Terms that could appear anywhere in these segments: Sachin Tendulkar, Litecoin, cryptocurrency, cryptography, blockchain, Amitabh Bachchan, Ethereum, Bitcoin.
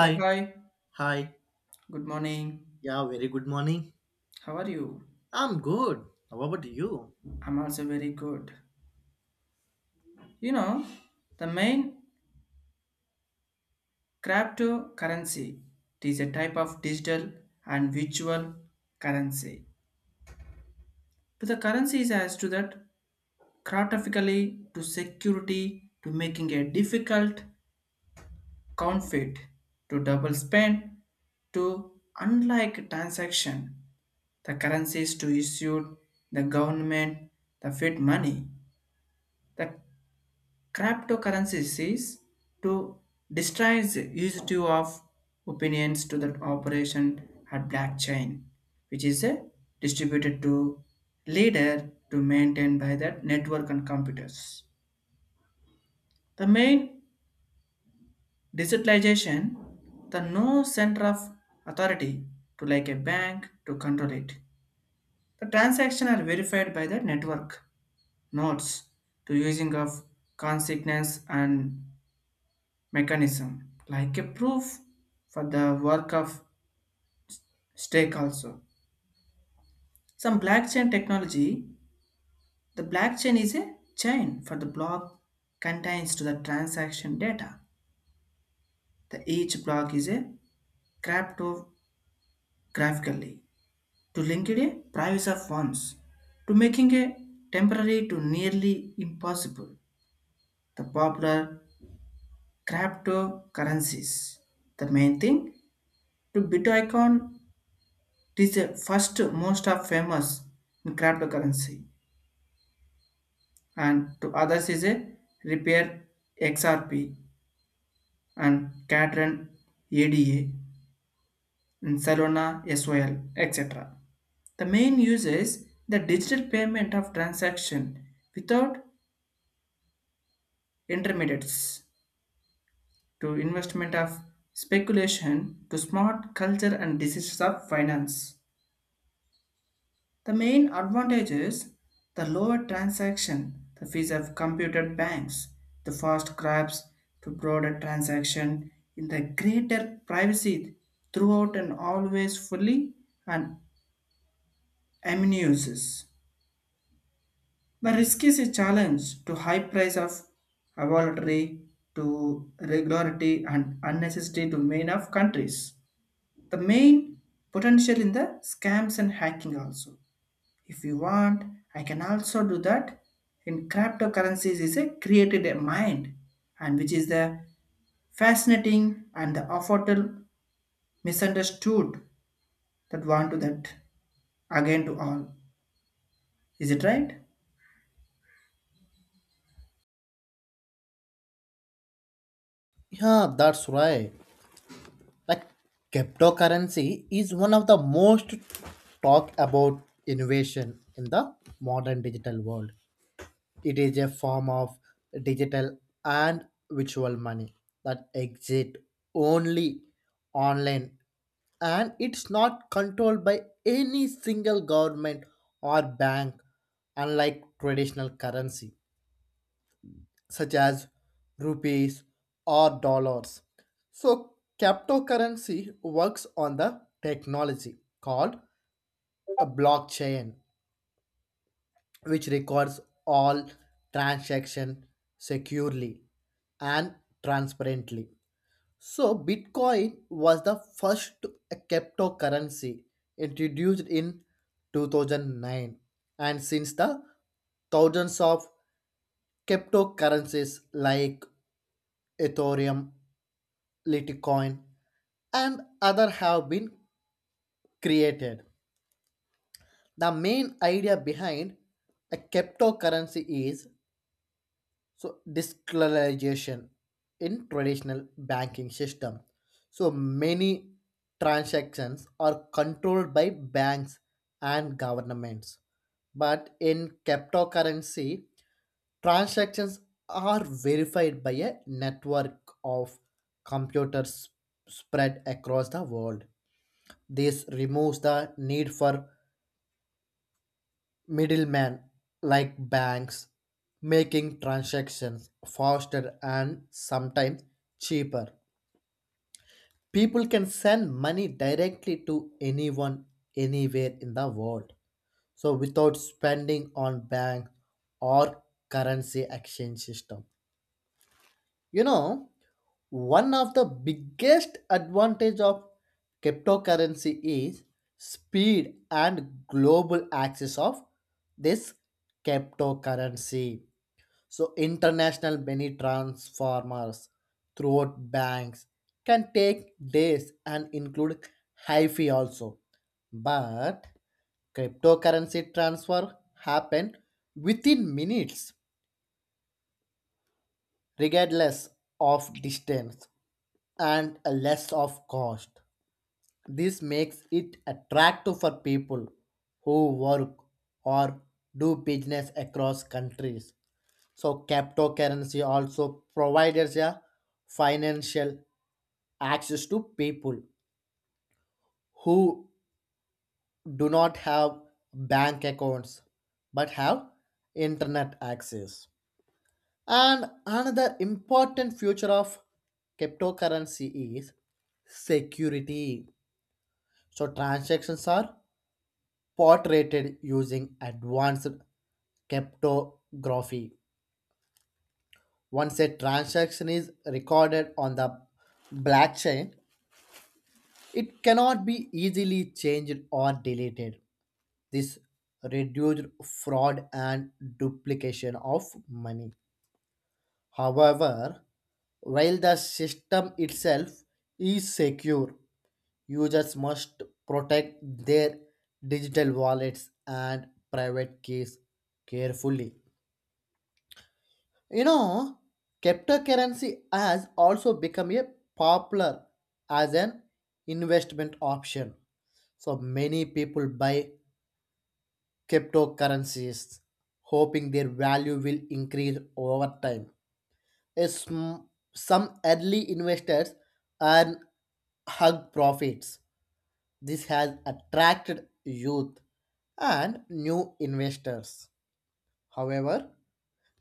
Yeah, hi. hi. Good morning. Yeah, very good morning. How are you? I'm good. How about you? I'm also very good. You know, the main cryptocurrency it is a type of digital and virtual currency. To the currencies as to that cryptographically to security to making a difficult counterfeit to double spend to unlike transaction the currencies to issue the government the fiat money the cryptocurrencies is to distress used to of opinions to that operation at blockchain, which is a distributed to leader to maintain by that network and computers. The main digitalization, the no center of authority to like a bank to control it. The transaction are verified by the network nodes to using of consequence and mechanism, like a proof for the work of stake also. Some blockchain technology, the blockchain is a chain for the block contains to the transaction data. The each block is a cryptographically to link it a price of ones to making a temporary to nearly impossible. The popular cryptocurrencies. The main thing to Bitcoin, it is the first most of famous in cryptocurrency and to others is a repair, XRP and Catron, ADA and Salona, SOL etc. The main use is the digital payment of transaction without intermediates to investment of speculation to smart culture and decisions of finance. The main advantage is the lower transaction the fees of computer banks, the fast grabs to broader transaction in the greater privacy throughout and always fully and uses. The risk is a challenge to high price of availability to regularity and unnecessary domain of countries. The main potential in the scams and hacking also. If you want, I can also do that. In cryptocurrencies is a created a mind and which is the fascinating and the affordable misunderstood that want to that again to all. Is it right? Yeah, that's right. Like Cryptocurrency is one of the most talked about innovation in the modern digital world. It is a form of digital and virtual money that exist only online, and it's not controlled by any single government or bank, unlike traditional currency such as rupees or dollars. So, cryptocurrency works on the technology called a blockchain, which records all transaction securely and transparently. So, Bitcoin was the first cryptocurrency introduced in 2009, and since the thousands of cryptocurrencies like Ethereum, Litecoin, and other have been created. The main idea behind a cryptocurrency is so decentralization in traditional banking system. So many transactions are controlled by banks and governments. But in cryptocurrency, transactions are verified by a network of computers spread across the world. This removes the need for middlemen like banks, making transactions faster and sometimes cheaper. People can send money directly to anyone anywhere in the world, so without spending on bank or currency exchange system. You know, One of the biggest advantage of cryptocurrency is speed and global access of this cryptocurrency. So international money transformers throughout banks can take days and include high fee also. But cryptocurrency transfer happen within minutes, regardless of distance and a less of cost. This makes it attractive for people who work or do business across countries. So cryptocurrency also provides a financial access to people who do not have bank accounts but have internet access. And another important future of cryptocurrency is security. So transactions are portrayed using advanced cryptography. Once a transaction is recorded on the blockchain, it cannot be easily changed or deleted. This reduced fraud and duplication of money. However, while the system itself is secure, users must protect their digital wallets and private keys carefully. You know, cryptocurrency has also become a popular as an investment option. So many people buy cryptocurrencies, hoping their value will increase over time. is m- some early investors earn hug profits. This has attracted youth and new investors. However,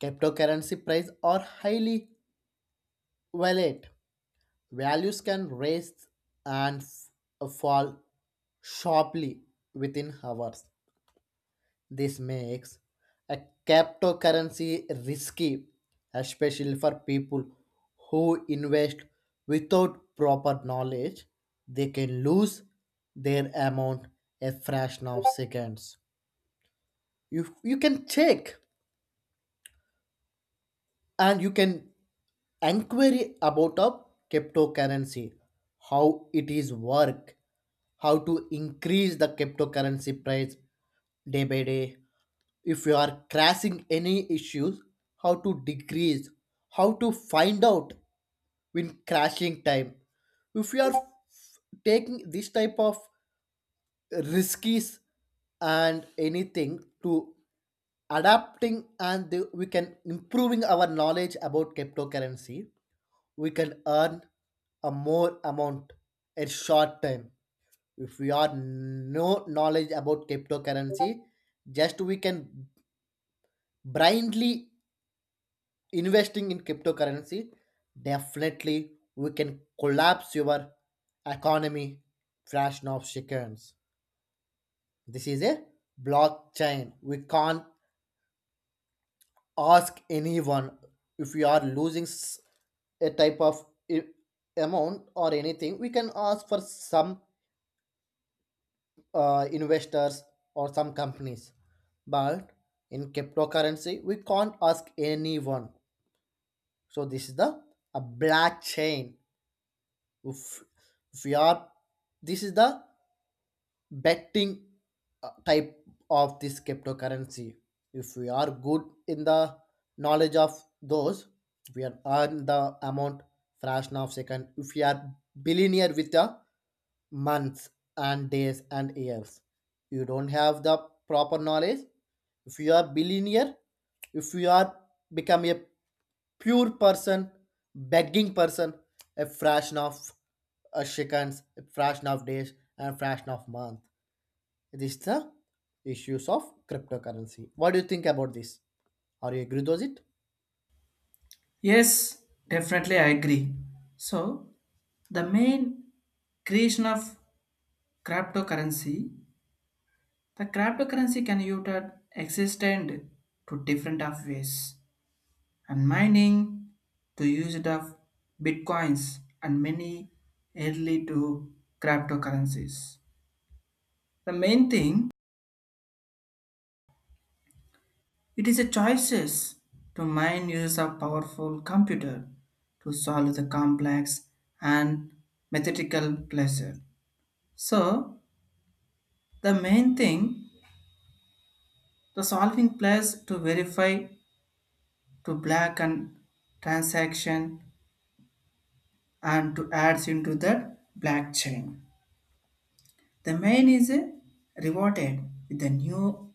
cryptocurrency price are highly volatile. Values can rise and fall sharply within hours. This makes a cryptocurrency risky, especially for people who invest without proper knowledge. They can lose their amount a fraction of seconds. You can check, and you can inquiry about a cryptocurrency, how it is work, how to increase the cryptocurrency price day by day, if you are crashing any issues, how to decrease, how to find out when crashing time. If you are taking this type of riskies and anything to adapting and we can improving our knowledge about cryptocurrency, we can earn a more amount in short time. If we are no knowledge about cryptocurrency, just we can blindly investing in cryptocurrency, definitely we can collapse your economy fraction of seconds. This is a blockchain. We can't ask anyone if we are losing a type of i- amount or anything. We can ask for some investors or some companies, but in cryptocurrency we can't ask anyone. So this is the a blockchain. If if we are, this is the betting type of this cryptocurrency. If we are good in the knowledge of those, we are earn the amount fraction of second. If we are billionaire with the months and days and years, you don't have the proper knowledge. If you are billionaire, if you are become a pure person, begging person, a fraction of a seconds, a fraction of days, and a fraction of month. This is the issues of cryptocurrency. What do you think about this? Are you agree with it? Yes, definitely I agree. So the main creation of cryptocurrency, the cryptocurrency can be existed to different of ways and mining to use it of bitcoins and many early to cryptocurrencies. The main thing it is a choices to mine use of powerful computer to solve the complex and mathematical pleasure. So the main thing the solving place to verify to black and transaction and to adds into the blockchain. The main is rewarded with the new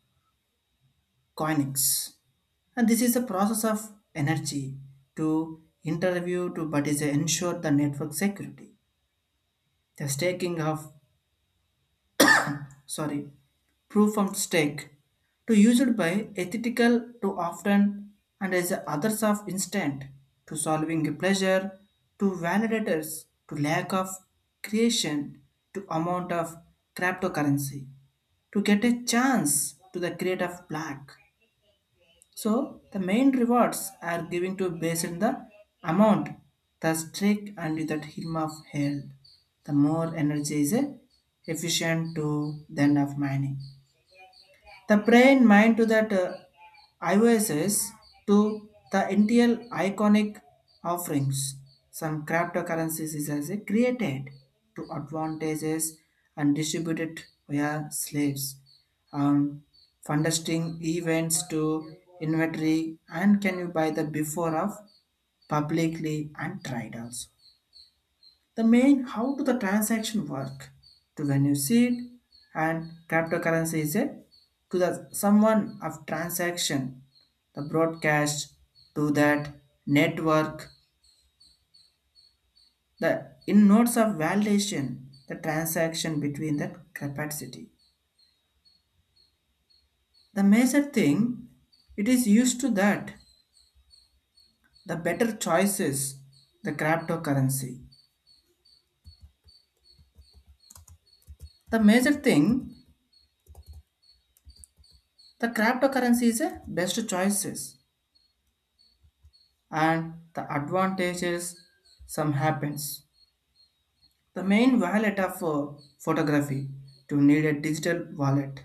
coinix. And this is a process of energy to interview to but is ensure the network security. The staking of sorry proof of stake to used by ethical to often and as others of instant to solving pleasure to validators to lack of creation to amount of cryptocurrency to get a chance to the create of black. So the main rewards are given to based on the amount, the streak and that him of held. The more energy is efficient to the end of mining. The brain mind to that IOSs to the NTL iconic offerings. Some cryptocurrencies is as a created to advantages and distributed via slaves. Um, Funding events to inventory and can you buy the before of publicly and tried also. The main how do the transaction work to when you see it and cryptocurrency is a to the someone of transaction the broadcast to that network the in nodes of validation the transaction between that capacity, the major thing it is used to that the better choices the cryptocurrency, the major thing the cryptocurrency is a best choices and the advantages some happens. The main wallet of photography to need a digital wallet.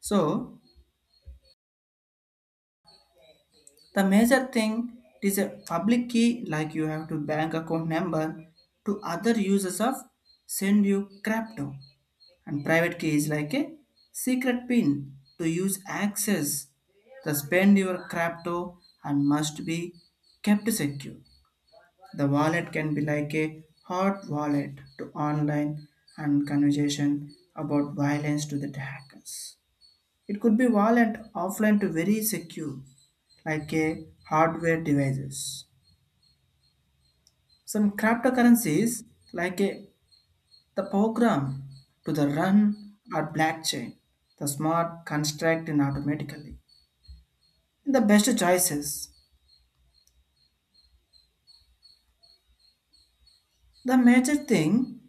So the major thing is a public key like you have to bank account number to other users of send you crypto and private key is like a secret pin to use access the spend your crypto and must be kept secure. The wallet can be like a hot wallet to online and conversation about violence to the hackers. It could be wallet offline to very secure, like a hardware devices. Some cryptocurrencies like a the program to the run or blockchain, the smart construct in automatically. The best choices. The major thing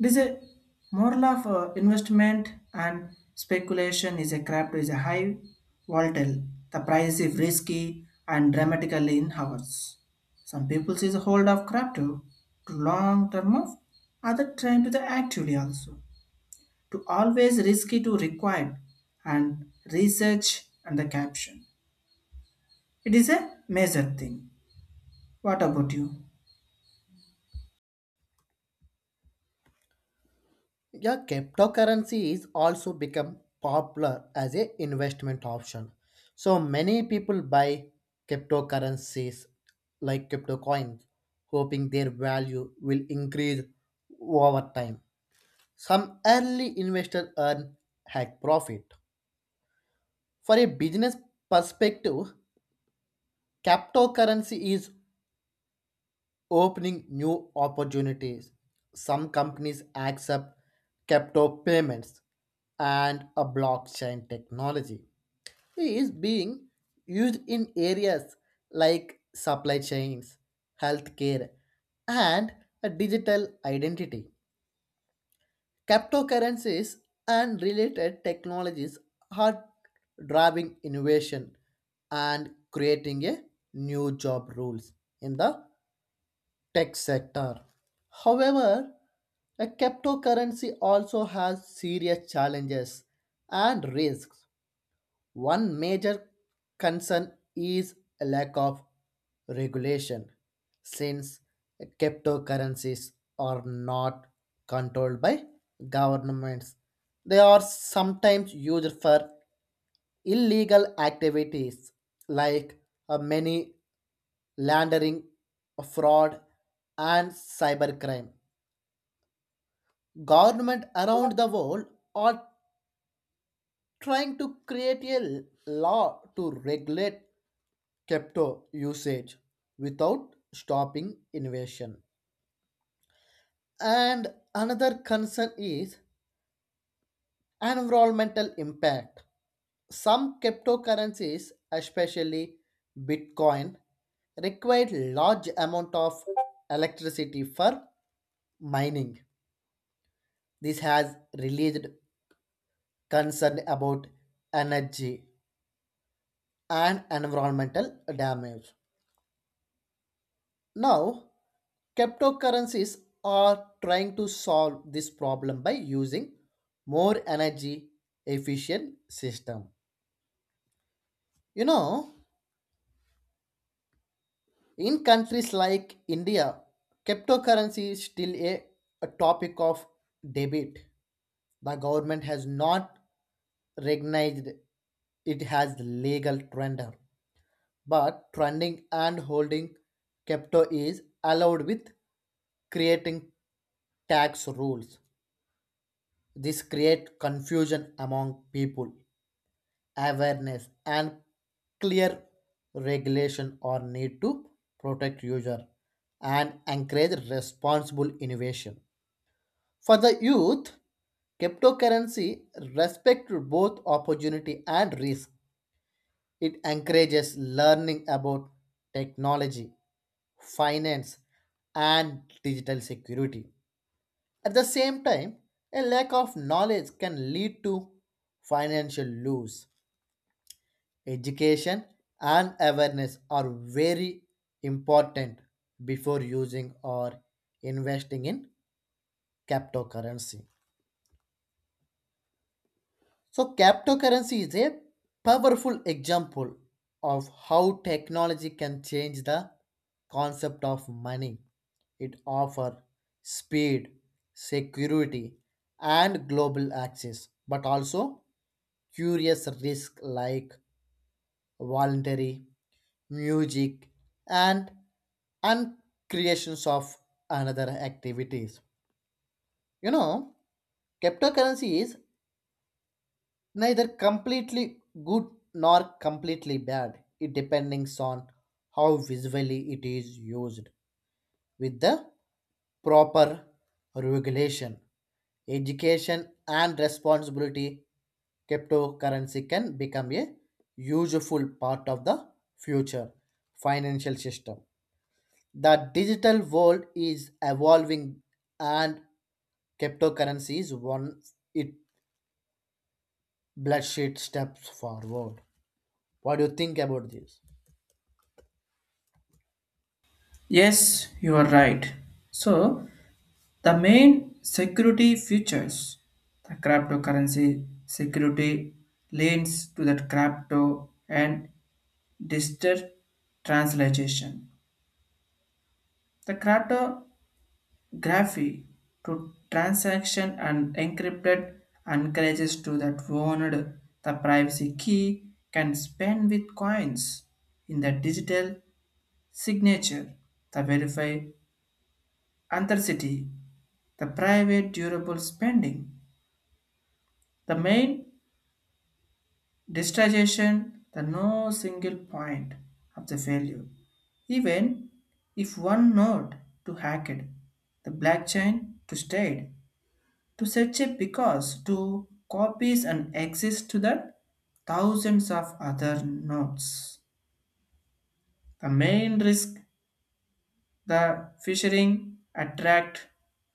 it is a moral of investment and speculation is a craft is a high volatile. The price is risky and dramatically in hours. Some people see the hold of crypto to long term of other trying to the actually also to always risky to required and research and the caption. It is a major thing. What about you? Yeah, cryptocurrency is also become popular as a investment option. So many people buy cryptocurrencies like crypto coins, hoping their value will increase over time. Some early investors earn hack profit. For a business perspective, cryptocurrency is opening new opportunities. Some companies accept crypto payments, and a blockchain technology is being used in areas like supply chains, healthcare, and a digital identity. Cryptocurrencies and related technologies are driving innovation and creating a new job roles in the tech sector. However, a cryptocurrency also has serious challenges and risks. One major concern is a lack of regulation, since cryptocurrencies are not controlled by governments. They are sometimes used for illegal activities like money laundering, fraud, and cybercrime. Government around the world are trying to create a law to regulate crypto usage without stopping innovation. And another concern is environmental impact. Some cryptocurrencies, especially Bitcoin, require large amount of electricity for mining. This has released concern about energy and environmental damage. Now, cryptocurrencies are trying to solve this problem by using more energy efficient system. You know, in countries like India, cryptocurrency is still a topic of debate. The government has not recognized it has legal tender, but trending and holding crypto is allowed with creating tax rules. This creates confusion among people. Awareness and clear regulation are need to protect user and encourage responsible innovation. For the youth, cryptocurrency respects both opportunity and risk. It encourages learning about technology, finance, and digital security. At the same time, a lack of knowledge can lead to financial loss. Education and awareness are very important before using or investing in cryptocurrency. So, cryptocurrency is a powerful example of how technology can change the concept of money. It offers speed, security, and global access, but also curious risk like voluntary music and and creations of another activities. You know, cryptocurrency is neither completely good nor completely bad. It depends on how visually it is used. With the proper regulation, education and responsibility, cryptocurrency can become a useful part of the future financial system. The digital world is evolving, and cryptocurrency is one it bloodshed steps forward. What do you think about this? Yes, you are right. So the main security features the cryptocurrency security leans to the crypto and digital translation. The cryptography to transaction and encrypted encourages to that owned the privacy key can spend with coins in the digital signature, the verify authenticity, the private durable spending. The main distraction, the no single point of the failure. Even if one node to hack it, the black chain to state, to set it because to copies and exist to the thousands of other nodes. The main risk, the phishing, attract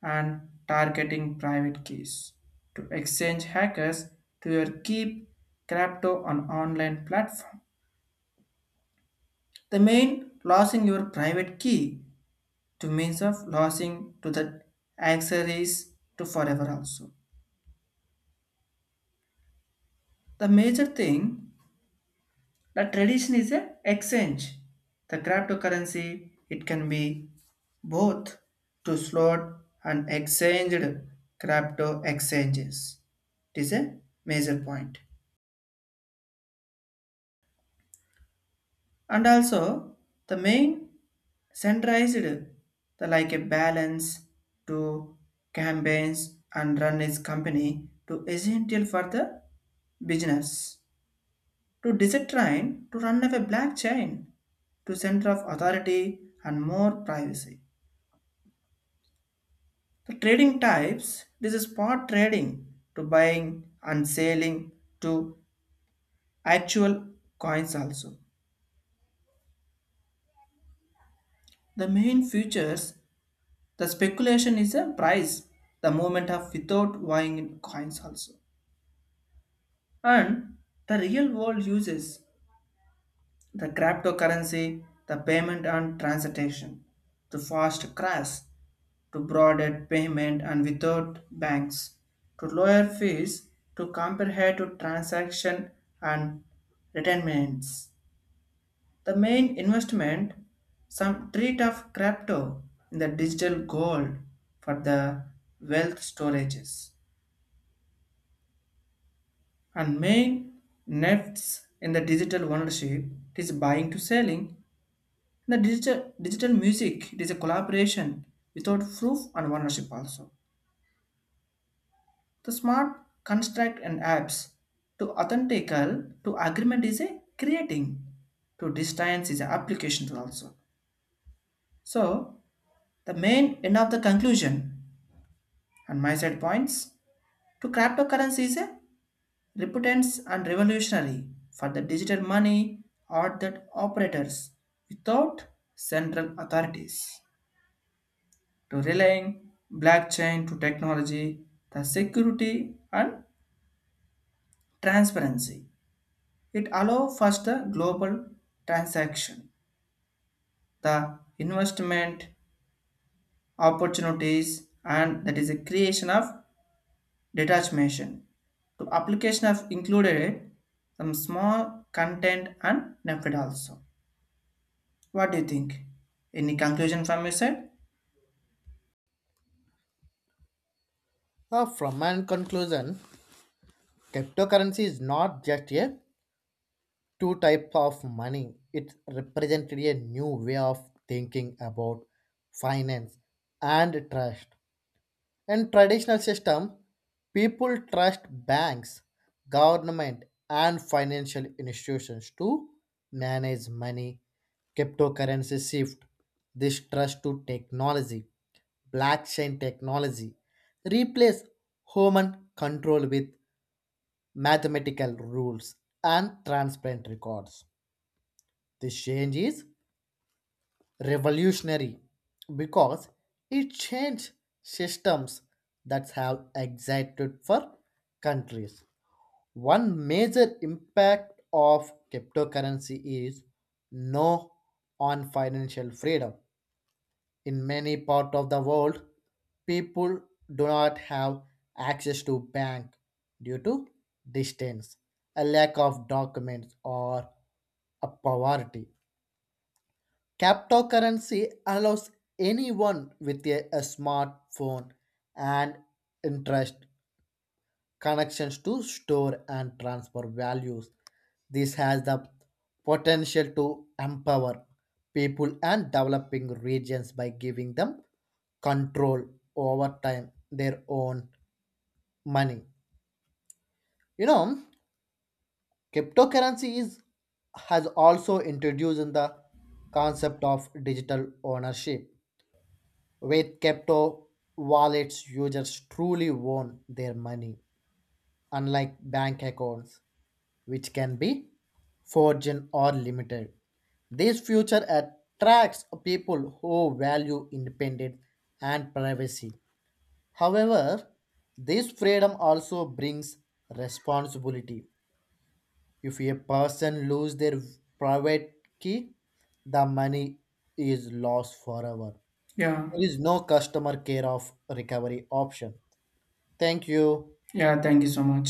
and targeting private keys to exchange hackers to your keep crypto on online platform. The main losing your private key to means of losing to the accessories to forever also. The major thing the tradition is a exchange. The cryptocurrency it can be both to slot and exchanged crypto exchanges. It is a major point. And also the main centralized the like a balance to campaigns and run his company to essential for the business to design to run of a blockchain to center of authority and more privacy, the trading types this is spot trading to buying and selling to actual coins also, the main features: the speculation is a price the movement of without buying in coins also. And the real world uses the cryptocurrency, the payment and transaction, to fast crash, to broader payment and without banks, to lower fees, to compare to transaction and retirements. The main investment, some treat of crypto in the digital gold for the wealth storages. And main nefts in the digital ownership, it is buying to selling. In the digital music, it is a collaboration without proof and ownership also. The smart construct and apps to authentical to agreement is a creating to distance is a application also. So the main end of the conclusion and my side points to cryptocurrency is a reputants and revolutionary for the digital money are that operators without central authorities to relying blockchain to technology the security and transparency, it allows faster global transaction, the investment opportunities and that is a creation of detachment to application of included some small content and method also. What do you think? Any conclusion from your side? Now, from my conclusion, cryptocurrency is not just a two type of money. It represented a new way of thinking about finance and trust. In traditional system, people trust banks, government, and financial institutions to manage money. Cryptocurrency shift this trust to technology. Blockchain technology replace human control with mathematical rules and transparent records. This change is revolutionary because it changed systems that have existed for countries. One major impact of cryptocurrency is no on financial freedom. In many parts of the world, people do not have access to bank due to distance, a lack of documents, or a poverty. Cryptocurrency allows anyone with a smartphone and interest connections to store and transfer values. This has the potential to empower people and developing regions by giving them control over time their own money. You know, cryptocurrency is has also introduced in the concept of digital ownership. With crypto wallets, users truly own their money, unlike bank accounts, which can be forged or limited. This future attracts people who value independence and privacy. However, this freedom also brings responsibility. If a person loses their private key, the money is lost forever. Yeah, There is no customer care of recovery option. Thank you. yeah, thank you so much.